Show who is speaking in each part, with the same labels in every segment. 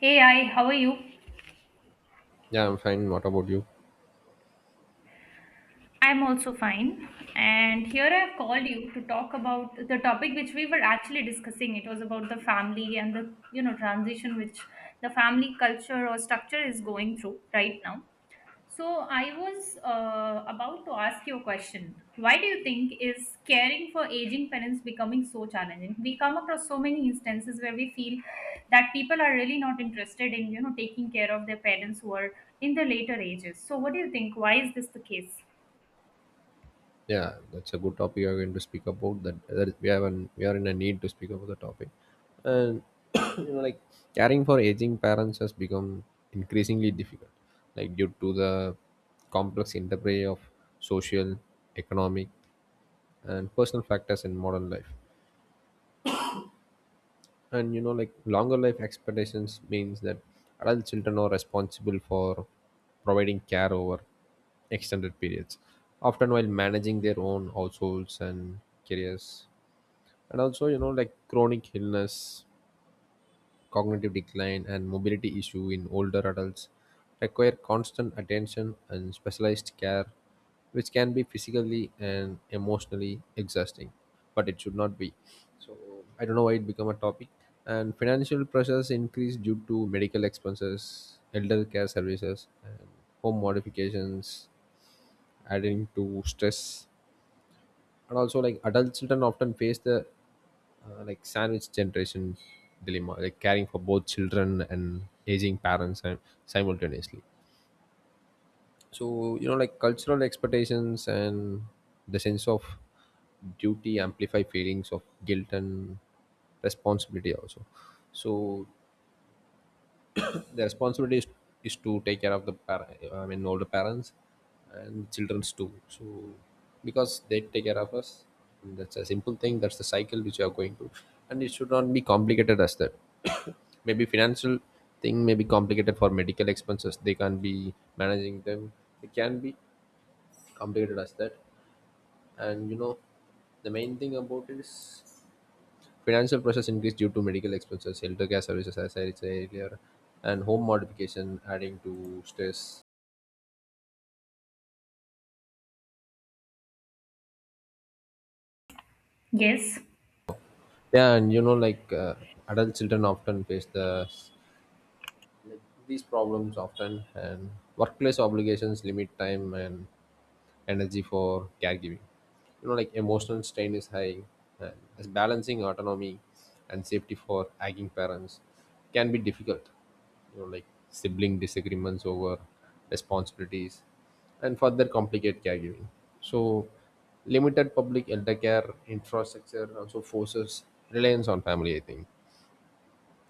Speaker 1: Hey, how are you?
Speaker 2: Yeah, I'm fine. What about you?
Speaker 1: I'm also fine. And here I've called you to talk about the topic which we were actually discussing. It was about the family and the transition which the family culture or structure is going through right now. So I was about to ask you a question. Why do you think is caring for aging parents becoming so challenging? We come across so many instances where we feel that people are really not interested in, taking care of their parents who are in the later ages. So what do you think? Why is this the case?
Speaker 2: Yeah, that's a good topic. You're going to speak about that. That is, we have an we are in a need to speak about the topic, and you know, like caring for aging parents has become increasingly difficult, like due to the complex interplay of social, economic, and personal factors in modern life. And you know, like longer life expectations means that adult children are responsible for providing care over extended periods, often while managing their own households and careers. And also, you know, like chronic illness, cognitive decline, and mobility issues in older adults require constant attention and specialized care, which can be physically and emotionally exhausting, but it should not be. So I don't know why it become a topic. And financial pressures increase due to medical expenses, elder care services, and home modifications, adding to stress. And also, like, adult children often face the like sandwich generation dilemma, like caring for both children and aging parents and simultaneously. So you know, like cultural expectations and the sense of duty amplify feelings of guilt and responsibility also. So the responsibility is to take care of the older parents and children's too. So because they take care of us, and that's a simple thing. That's the cycle which we are going through, and it should not be complicated as that. Maybe financial thing may be complicated for medical expenses they can't be managing them. It can be complicated as that. And you know, the main thing about it is financial pressures increased due to medical expenses, healthcare services, as I said earlier, and home modification adding to stress.
Speaker 1: Yes.
Speaker 2: Yeah, and you know, like adult children often face the, like, these problems often. And workplace obligations limit time and energy for caregiving. You know, like emotional strain is high, and as balancing autonomy and safety for aging parents can be difficult. You know, like sibling disagreements over responsibilities and further complicate caregiving. So, limited public elder care infrastructure also forces reliance on family, I think.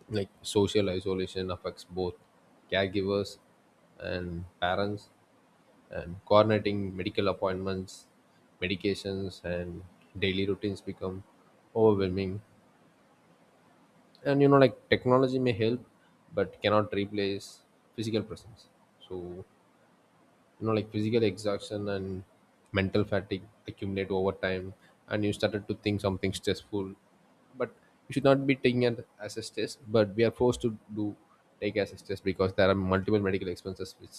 Speaker 2: Like, social isolation affects both caregivers and parents, and coordinating medical appointments, medications, and daily routines become overwhelming. And you know, like, technology may help, but cannot replace physical presence. So you know, like physical exhaustion and mental fatigue accumulate over time, and you started to think something stressful. But you should not be taking it as a stress, but we are forced to do, take as a stress, because there are multiple medical expenses which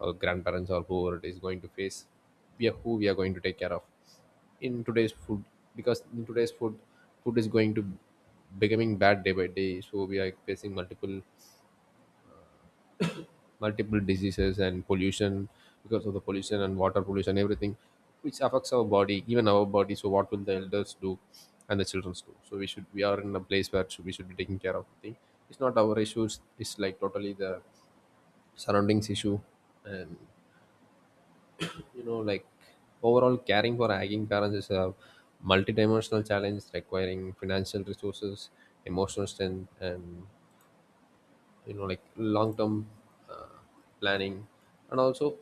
Speaker 2: our grandparents or whoever it is going to face, we are, who we are going to take care of, in today's food. Because in today's food, food is going to becoming bad day by day, so we are facing multiple diseases and pollution. Because of the pollution and water pollution, everything which affects our body, even our body. So what will the elders do and the children do? So we should, we are in a place where we should be taking care of the thing. It's not our issues. It's like totally the surroundings issue. And you know, like overall caring for aging parents is a multidimensional challenge requiring financial resources, emotional strength, and you know, like long-term uh, planning. And also,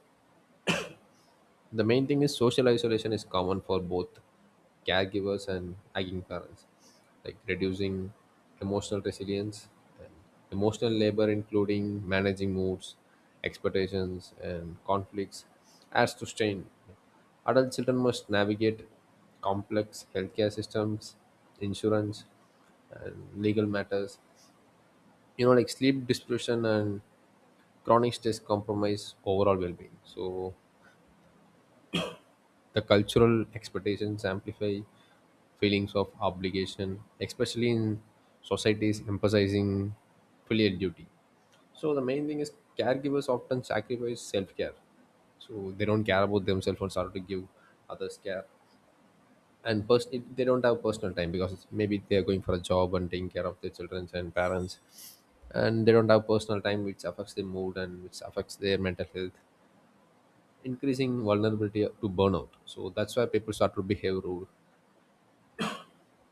Speaker 2: the main thing is social isolation is common for both caregivers and aging parents, like reducing emotional resilience. And emotional labor, including managing moods, expectations, and conflicts, adds to strain. Adult children must navigate complex healthcare systems, insurance, and legal matters. You know, like sleep deprivation and chronic stress compromise overall well-being. So the cultural expectations amplify feelings of obligation, especially in societies emphasizing filial duty. So the main thing is caregivers often sacrifice self-care. So they don't care about themselves and start to give others care. And they don't have personal time because maybe they are going for a job and taking care of their children and parents, and they don't have personal time, which affects their mood and which affects their mental health, increasing vulnerability to burnout. So that's why people start to behave rude.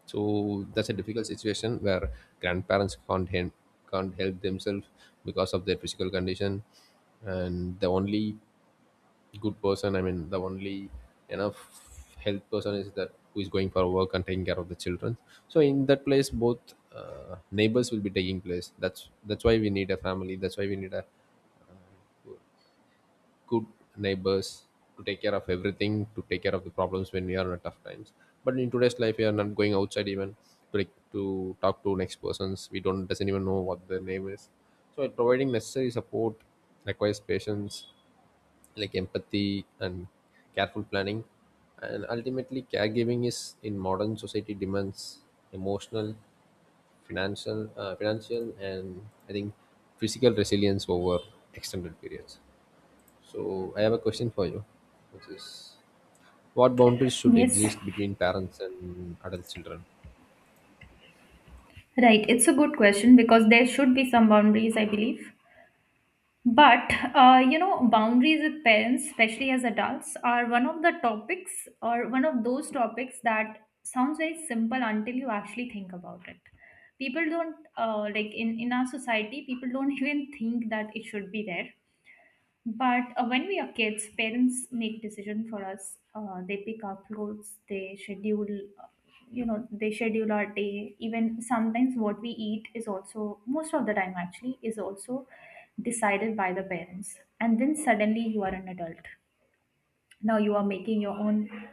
Speaker 2: So that's a difficult situation where grandparents can't help themselves because of their physical condition, and the only good person, I mean, the only enough health person is that who is going for work and taking care of the children. So in that place, both neighbors will be taking place. That's why we need a family. That's why we need a good neighbors to take care of everything, to take care of the problems when we are in a tough times. But in today's life, we are not going outside even to, like, to talk to next persons, we don't doesn't even know what their name is. So providing necessary support requires patience, like empathy and careful planning. And ultimately caregiving is in modern society demands emotional, financial, and I think physical resilience over extended periods. So I have a question for you, which is, what boundaries should
Speaker 1: Yes.
Speaker 2: exist between parents and adult children?
Speaker 1: Right. It's a good question because there should be some boundaries, I believe. But you know, boundaries with parents, especially as adults, are one of the topics or one of those topics that sounds very simple until you actually think about it. People don't like in our society, people don't even think that it should be there. But when we are kids, parents make decision for us. They pick our clothes. They schedule, uh, you know, they schedule our day. Even sometimes what we eat is also most of the time actually is also decided by the parents. And then suddenly you are an adult. Now you are making your own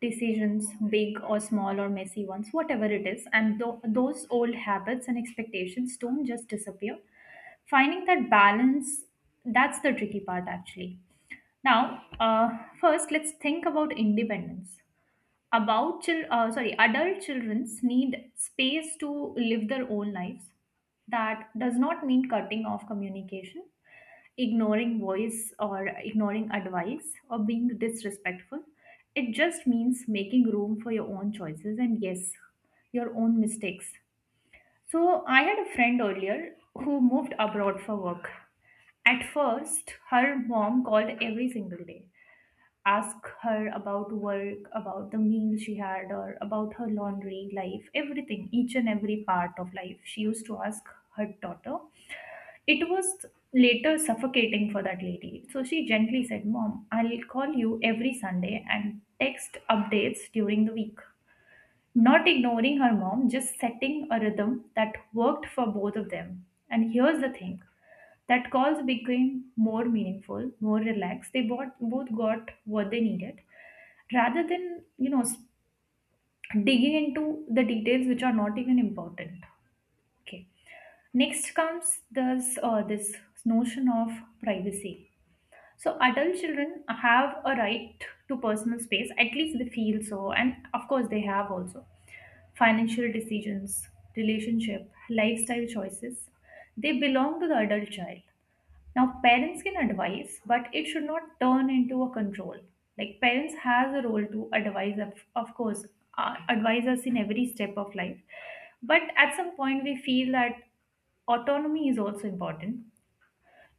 Speaker 1: decisions, big or small or messy ones, whatever it is. And those old habits and expectations don't just disappear. Finding that balance, that's the tricky part actually now, first, let's think about independence. Adult children need space to live their own lives. That does not mean cutting off communication, ignoring voice, or ignoring advice, or being disrespectful. It just means making room for your own choices and yes, your own mistakes. So, I had a friend earlier who moved abroad for work. At first, her mom called every single day ask her about work, about the meal she had, or about her laundry, life, everything, each and every part of life. She used to ask her daughter. It was later suffocating for that lady. So she gently said, "Mom, I'll call you every Sunday and text updates during the week." Not ignoring her mom, just setting a rhythm that worked for both of them. And here's the thing that calls became more meaningful, more relaxed. They both, both got what they needed rather than, digging into the details which are not even important. Okay. Next comes this notion of privacy, so adult children have a right to personal space, at least they feel so, and of course they have also financial decisions, relationship, lifestyle choices. They belong to the adult child. Now parents can advise, but it should not turn into a control. Like parents has a role to advise, of course, advise us in every step of life. But at some point we feel that autonomy is also important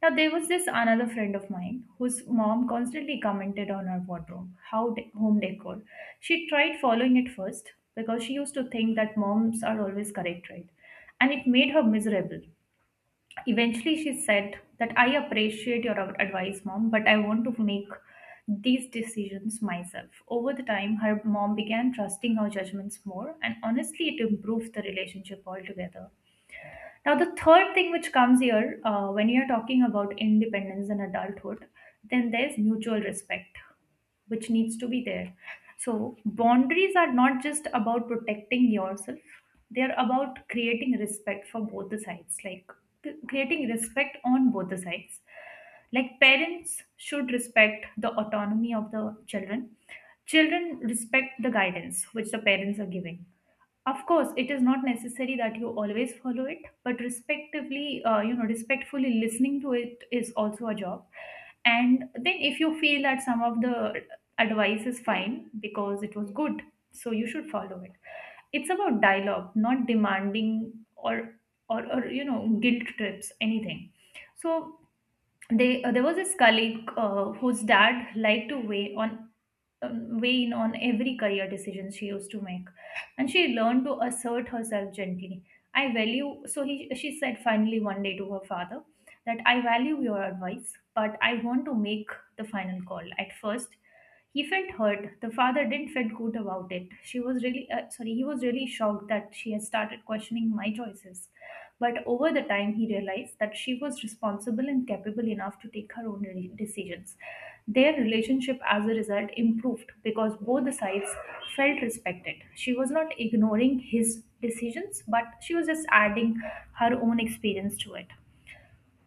Speaker 1: now, there was this another friend of mine whose mom constantly commented on her wardrobe, home decor. She tried following it first because she used to think that moms are always correct, right? And it made her miserable. Eventually, she said that "I appreciate your advice, mom, but I want to make these decisions myself." Over the time, her mom began trusting her judgments more, and honestly, it improved the relationship altogether. Now, the third thing which comes here when you're talking about independence and adulthood, then there's mutual respect, which needs to be there. So, boundaries are not just about protecting yourself, they're about creating respect for both the sides, like creating respect on both the sides. Like, parents should respect the autonomy of the children, children respect the guidance which the parents are giving. Of course, it is not necessary that you always follow it, but respectively, you know, respectfully listening to it is also a job. And then if you feel that some of the advice is fine because it was good, so you should follow it. It's about dialogue, not demanding or, you know, guilt trips anything. So they there was this colleague whose dad liked to weigh in on every career decision she used to make, and she learned to assert herself gently. I value so he She said finally one day to her father that "I value your advice but I want to make the final call." At first he felt hurt. The father didn't feel good about it. She was really sorry. He was really shocked that she had started questioning my choices. But over the time, he realized that she was responsible and capable enough to take her own decisions. Their relationship, as a result, improved because both the sides felt respected. She was not ignoring his decisions, but she was just adding her own experience to it.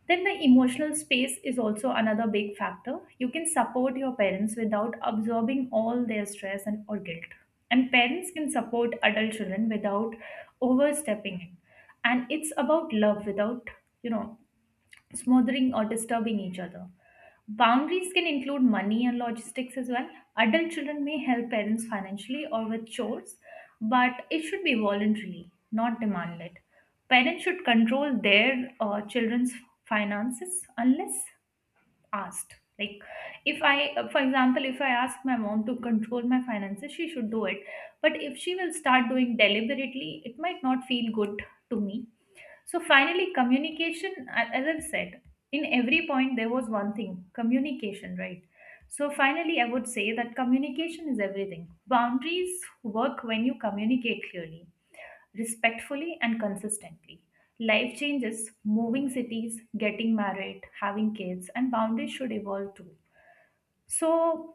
Speaker 1: Then the emotional space is also another big factor. You can support your parents without absorbing all their stress and or guilt. And parents can support adult children without overstepping it. And it's about love without, you know, smothering or disturbing each other. Boundaries can include money and logistics as well. Adult children may help parents financially or with chores, but it should be voluntarily, not demanded. Parents should control their children's finances unless asked. Like, if I, for example, if I ask my mom to control my finances, she should do it. But if she will start doing deliberately, it might not feel good to me. So finally, communication, as I've said, in every point there was one thing, communication, right? So finally, I would say that communication is everything. Boundaries work when you communicate clearly, respectfully, and consistently. Life changes, moving cities, getting married, having kids, and boundaries should evolve too. So,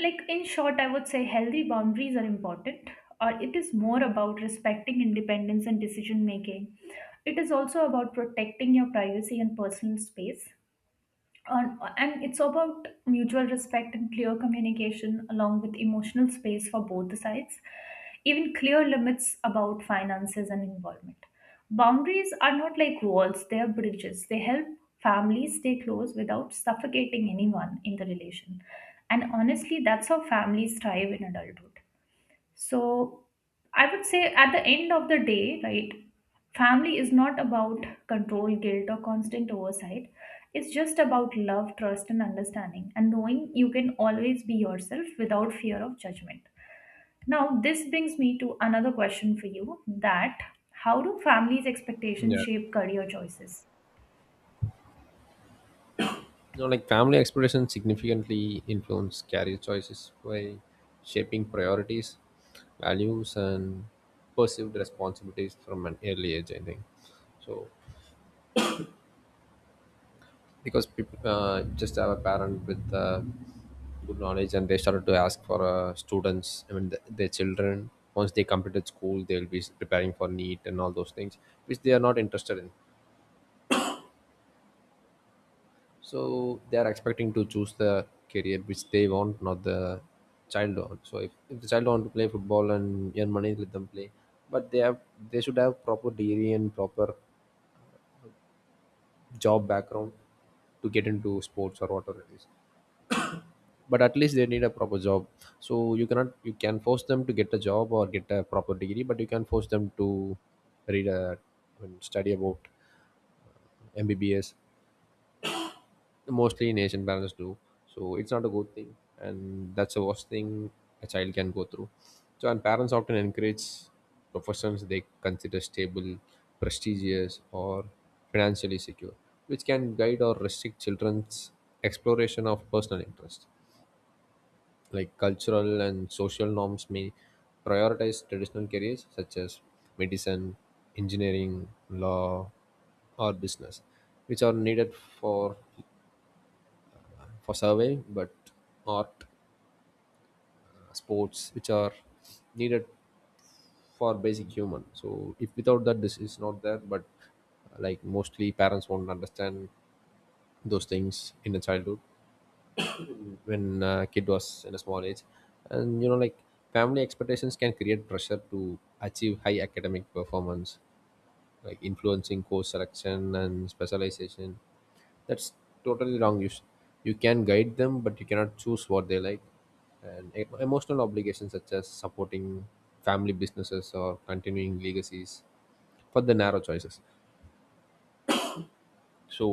Speaker 1: like in short, I would say healthy boundaries are important, or it is more about respecting independence and decision making. It is also about protecting your privacy and personal space on, and it's about mutual respect and clear communication along with emotional space for both the sides, even clear limits about finances and involvement. Boundaries are not like walls, they are bridges, they help families stay close without suffocating anyone in the relation. And honestly, that's how families thrive in adulthood. So I would say at the end of the day, right, family is not about control, guilt, or constant oversight. It's just about love, trust, and understanding, and knowing you can always be yourself without fear of judgment. Now, this brings me to another question for you that how do family's expectations
Speaker 2: Yeah.
Speaker 1: shape career choices?
Speaker 2: You know, like, family expectations significantly influence career choices by shaping priorities, values, and perceived responsibilities from an early age, I think. So because people just have a parent with good knowledge, and they started to ask for students I mean th- their children. Once they completed school, they'll be preparing for NEET and all those things which they are not interested in. So they are expecting to choose the career which they want, not the child want. So if the child want to play football and earn money, let them play. But they have, they should have proper degree and proper job background to get into sports or whatever it is, but at least they need a proper job. So you cannot, you can force them to get a job or get a proper degree, but you can force them to read a and study about MBBS, mostly in Asian parents do. So it's not a good thing, and that's the worst thing a child can go through. So and parents often encourage professions they consider stable, prestigious, or financially secure, which can guide or restrict children's exploration of personal interest. Like cultural and social norms may prioritize traditional careers such as medicine, engineering, law, or business, which are needed for for survey, but art, sports, which are needed for basic human. So if without that, this is not there. But like, mostly parents won't understand those things in the childhood when a kid was in a small age. And you know, like family expectations can create pressure to achieve high academic performance, like influencing course selection and specialization. That's totally wrong. You can guide them, but you cannot choose what they like. And emotional obligations such as supporting family businesses or continuing legacies for the narrow choices. So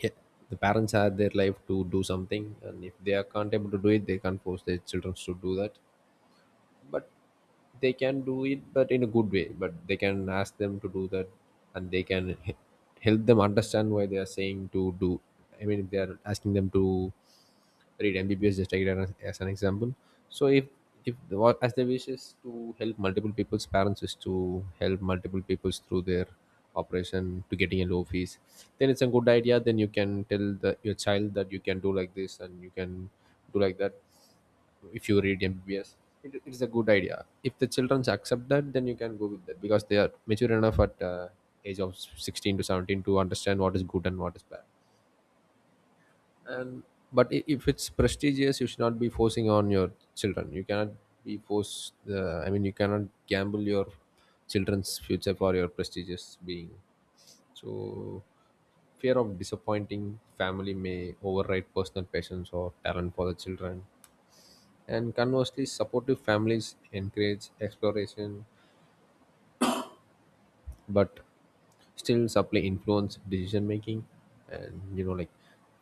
Speaker 2: yeah, the parents had their life to do something, and if they are can't able to do it, they can't force their children to do that. But they can do it but in a good way, but they can ask them to do that. And they can help them understand why they are saying to do. I mean, if they are asking them to read MBBS, just take it as an example. So if the, what as the wish is to help multiple people's, parents is to help multiple people's through their operation to getting a low fees, then it's a good idea. Then you can tell the, your child that you can do like this and you can do like that if you read MBBS. It, it's a good idea. If the children accept that, then you can go with that because they are mature enough at age of 16 to 17 to understand what is good and what is bad. And but if it's prestigious, you should not be forcing on your children. You cannot be forced the, I mean, you cannot gamble your children's future for your prestigious being. So fear of disappointing family may override personal passions or talent for the children. And conversely, supportive families encourage exploration, but still supply influence decision making. And you know, like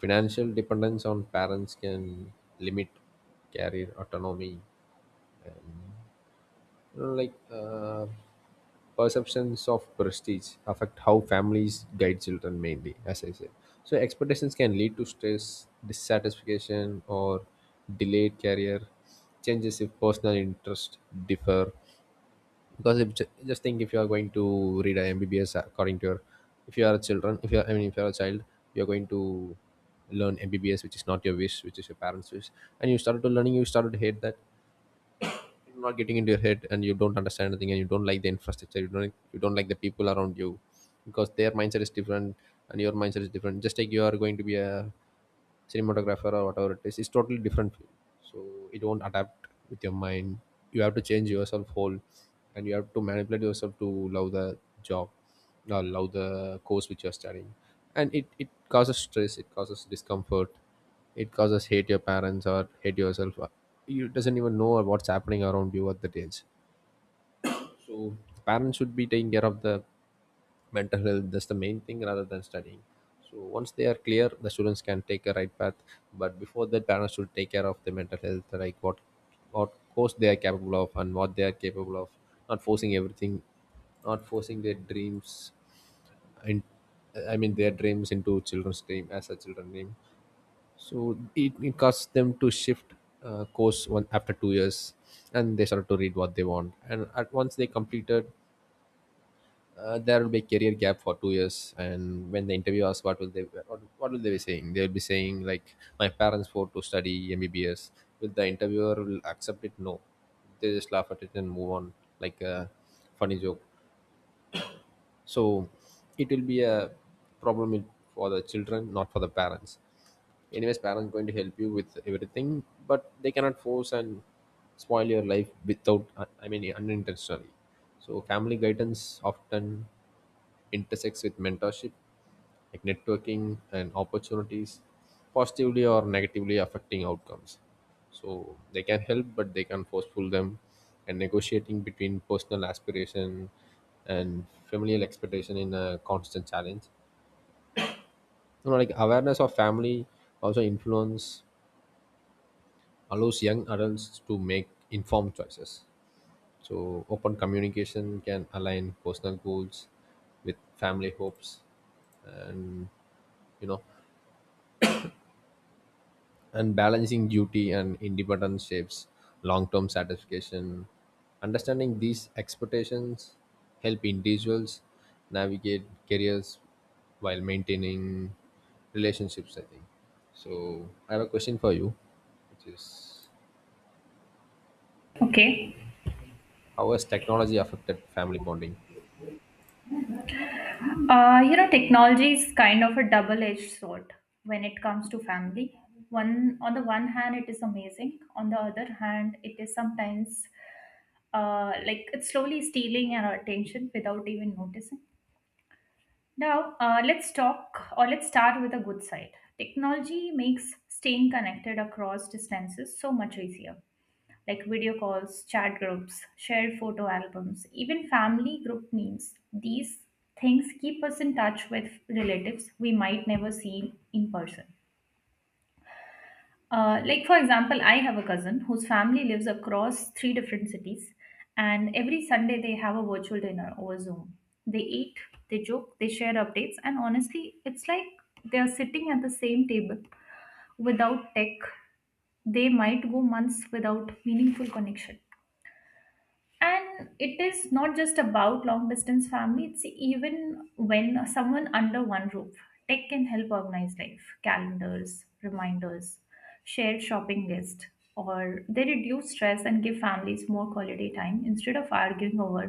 Speaker 2: financial dependence on parents can limit career autonomy. You know, like perceptions of prestige affect how families guide children mainly, as I said. So expectations can lead to stress, dissatisfaction, or delayed career changes if personal interests differ. Because if, just think, if you are going to read a MBBS according to your, if you are a children, if you are, I mean, if you are a child, you are going to learn MBBS which is not your wish, which is your parents wish. And you started to learning, you started to hate that. You're not getting into your head, and you don't understand anything, and you don't like the infrastructure. You don't like the people around you because their mindset is different and your mindset is different. Just like you are going to be a cinematographer or whatever it is, it's totally different field. So it won't adapt with your mind. You have to change yourself whole, and you have to manipulate yourself to love the job or love the course which you're studying. And it causes stress, it causes discomfort, it causes hate your parents or hate yourself. You doesn't even know what's happening around you at that age. So parents should be taking care of the mental health. That's the main thing rather than studying. So once they are clear, the students can take a right path. But before that, parents should take care of the mental health, like what course they are capable of and what they are capable of, not forcing everything, not forcing their dreams and, I mean, their dreams into children's dream as a children's dream. So it caused them to shift course one after 2 years, and they started to read what they want. And at once they completed, there will be a career gap for 2 years. And when the interview asks what will they, what will they be saying, they'll be saying like, my parents want to study MBBS. Will the interviewer will accept it? No, they just laugh at it and move on, like a funny joke. So it will be a problem in- for the children, not for the parents. Anyways, parents going to help you with everything, but they cannot force and spoil your life without, I mean, unintentionally. So family guidance often intersects with mentorship, like networking and opportunities, positively or negatively affecting outcomes. So they can help, but they can forceful them, and negotiating between personal aspiration and familial expectation in a constant challenge. You know, like awareness of family also influence allows young adults to make informed choices. So open communication can align personal goals with family hopes. And you know, and balancing duty and independence shapes long-term satisfaction. Understanding these expectations help individuals navigate careers while maintaining relationships, I think. So I have a question for you, which is,
Speaker 1: Okay.
Speaker 2: how has technology affected family bonding?
Speaker 1: You know, technology is kind of a double-edged sword when it comes to family. One on the one hand, it is amazing. On the other hand, it is sometimes like it's slowly stealing our attention without even noticing. Now, let's talk or let's start with a good side. Technology makes staying connected across distances so much easier, like video calls, chat groups, shared photo albums, even family group memes. These things keep us in touch with relatives we might never see in person. Like, for example, I have a cousin whose family lives across three different cities, and every Sunday they have a virtual dinner over Zoom. They eat, they joke, they share updates, and honestly, it's like they're sitting at the same table without tech. They might go months without meaningful connection. And it is not just about long distance family, it's even when someone under one roof. Tech can help organize life, calendars, reminders, shared shopping list, or they reduce stress and give families more quality time instead of arguing over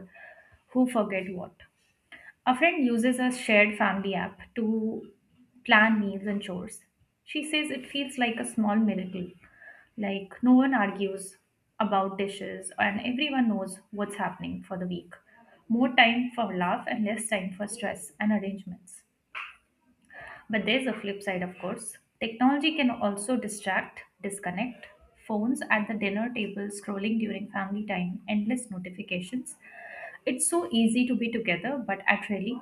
Speaker 1: who forget what. A friend uses a shared family app to plan meals and chores. She says it feels like a small miracle, like no one argues about dishes and everyone knows what's happening for the week. More time for love and less time for stress and arrangements. But there's a flip side, of course. Technology can also distract, disconnect. Phones at the dinner table, scrolling during family time, endless notifications. It's so easy to be together, but at really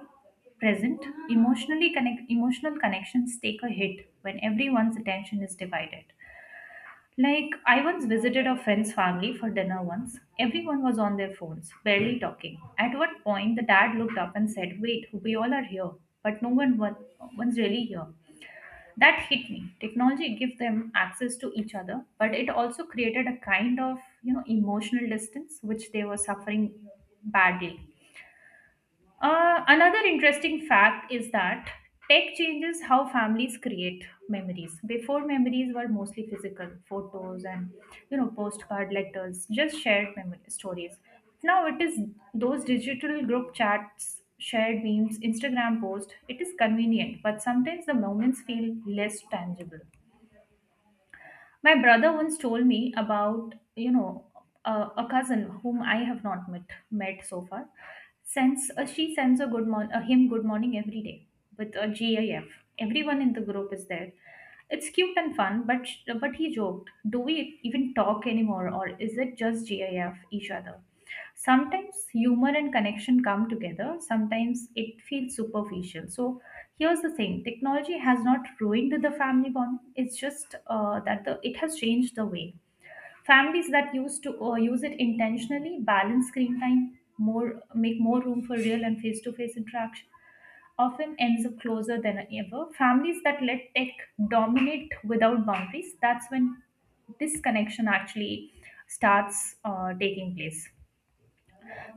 Speaker 1: present, emotional connections take a hit when everyone's attention is divided. Like I once visited a friend's family for dinner once. Everyone was on their phones, barely talking. At one point the dad looked up and said, "Wait, we all are here, but no one one- one's really here." That hit me. Technology gives them access to each other, but it also created a kind of, you know, emotional distance which they were suffering badly. Another interesting fact is that tech changes how families create memories. Before memories were mostly physical, photos and you know postcard letters, just shared memory stories. Now it is those digital group chats, shared memes, Instagram posts. It is convenient, but sometimes the moments feel less tangible. My brother once told me about, you know, a, a cousin whom I have not met so far. Sends she sends him good morning every day with a GIF. Everyone in the group is there. It's cute and fun, but he joked, "Do we even talk anymore, or is it just GIF each other?" Sometimes humor and connection come together. Sometimes it feels superficial. So here's the thing, technology has not ruined the family bond. It's just that the it has changed the way. Families that used to use it intentionally, balance screen time more, make more room for real and face to face interaction often ends up closer than ever. Families that let tech dominate without boundaries, that's when this connection actually starts taking place.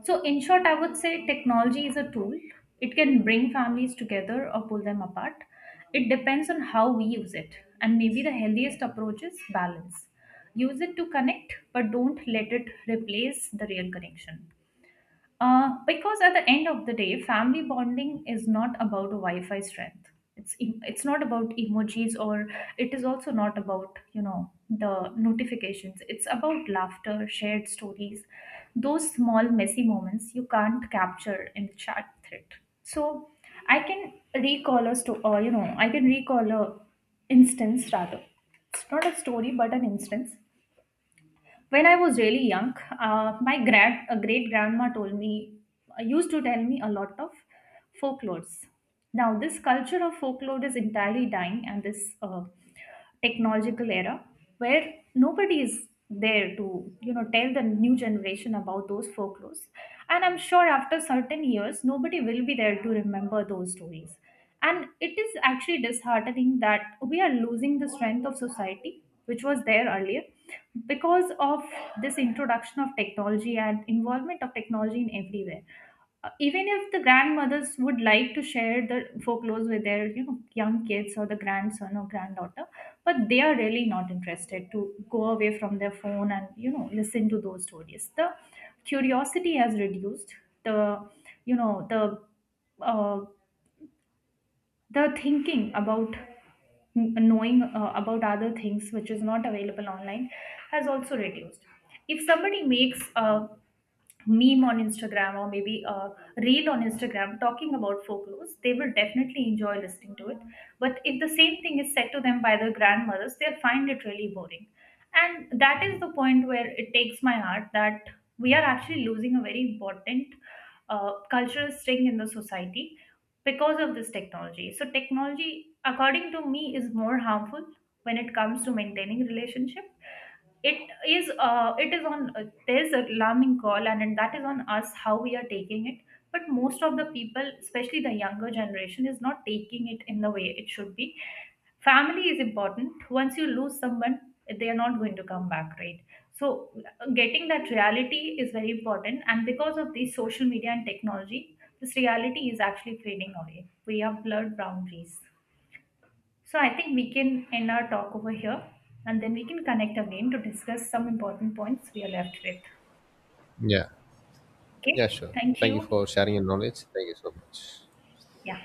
Speaker 1: So, in short, I would say technology is a tool. It can bring families together or pull them apart. It depends on how we use it. And maybe the healthiest approach is balance. Use it to connect, but don't let it replace the real connection. Because at the end of the day, family bonding is not about Wi-Fi strength. It's em- it's not about emojis, or it is also not about the notifications. It's about laughter, shared stories, those small messy moments you can't capture in the chat thread. So I can recall a sto- you know I can recall a instance rather. It's not a story, but an instance when I was really young. My great grandma used to tell me a lot of folklores. Now, this culture of folklore is entirely dying, and this technological era where nobody is there to tell the new generation about those folklores. And I'm sure after certain years nobody will be there to remember those stories, and it is actually disheartening that we are losing the strength of society which was there earlier because of this introduction of technology and involvement of technology in everywhere. Even if the grandmothers would like to share the folklores with their young kids or the grandson or granddaughter, but they are really not interested to go away from their phone and listen to those stories. The curiosity has reduced. The you know the uh, the thinking about knowing about other things which is not available online has also reduced. If somebody makes a meme on Instagram, or maybe a reel on Instagram talking about folklores, they will definitely enjoy listening to it. But if the same thing is said to them by their grandmothers, they'll find it really boring. And that is the point where it takes my heart that we are actually losing a very important cultural string in the society because of this technology. So, technology, according to me, is more harmful when it comes to maintaining relationship. It is it is on there's a alarming call, and that is on us how we are taking it. But most of the people, especially the younger generation, is not taking it in the way it should be. Family is important. Once you lose someone, they are not going to come back, right? So getting that reality is very important, and because of these social media and technology, this reality is actually fading away. We have blurred boundaries. So I think we can end our talk over here, and then we can connect again to discuss some important points we are left with.
Speaker 2: Yeah.
Speaker 1: Okay,
Speaker 2: Yeah, sure,
Speaker 1: thank
Speaker 2: thank you
Speaker 1: you.
Speaker 2: for sharing your knowledge, thank you so much.
Speaker 1: Yeah.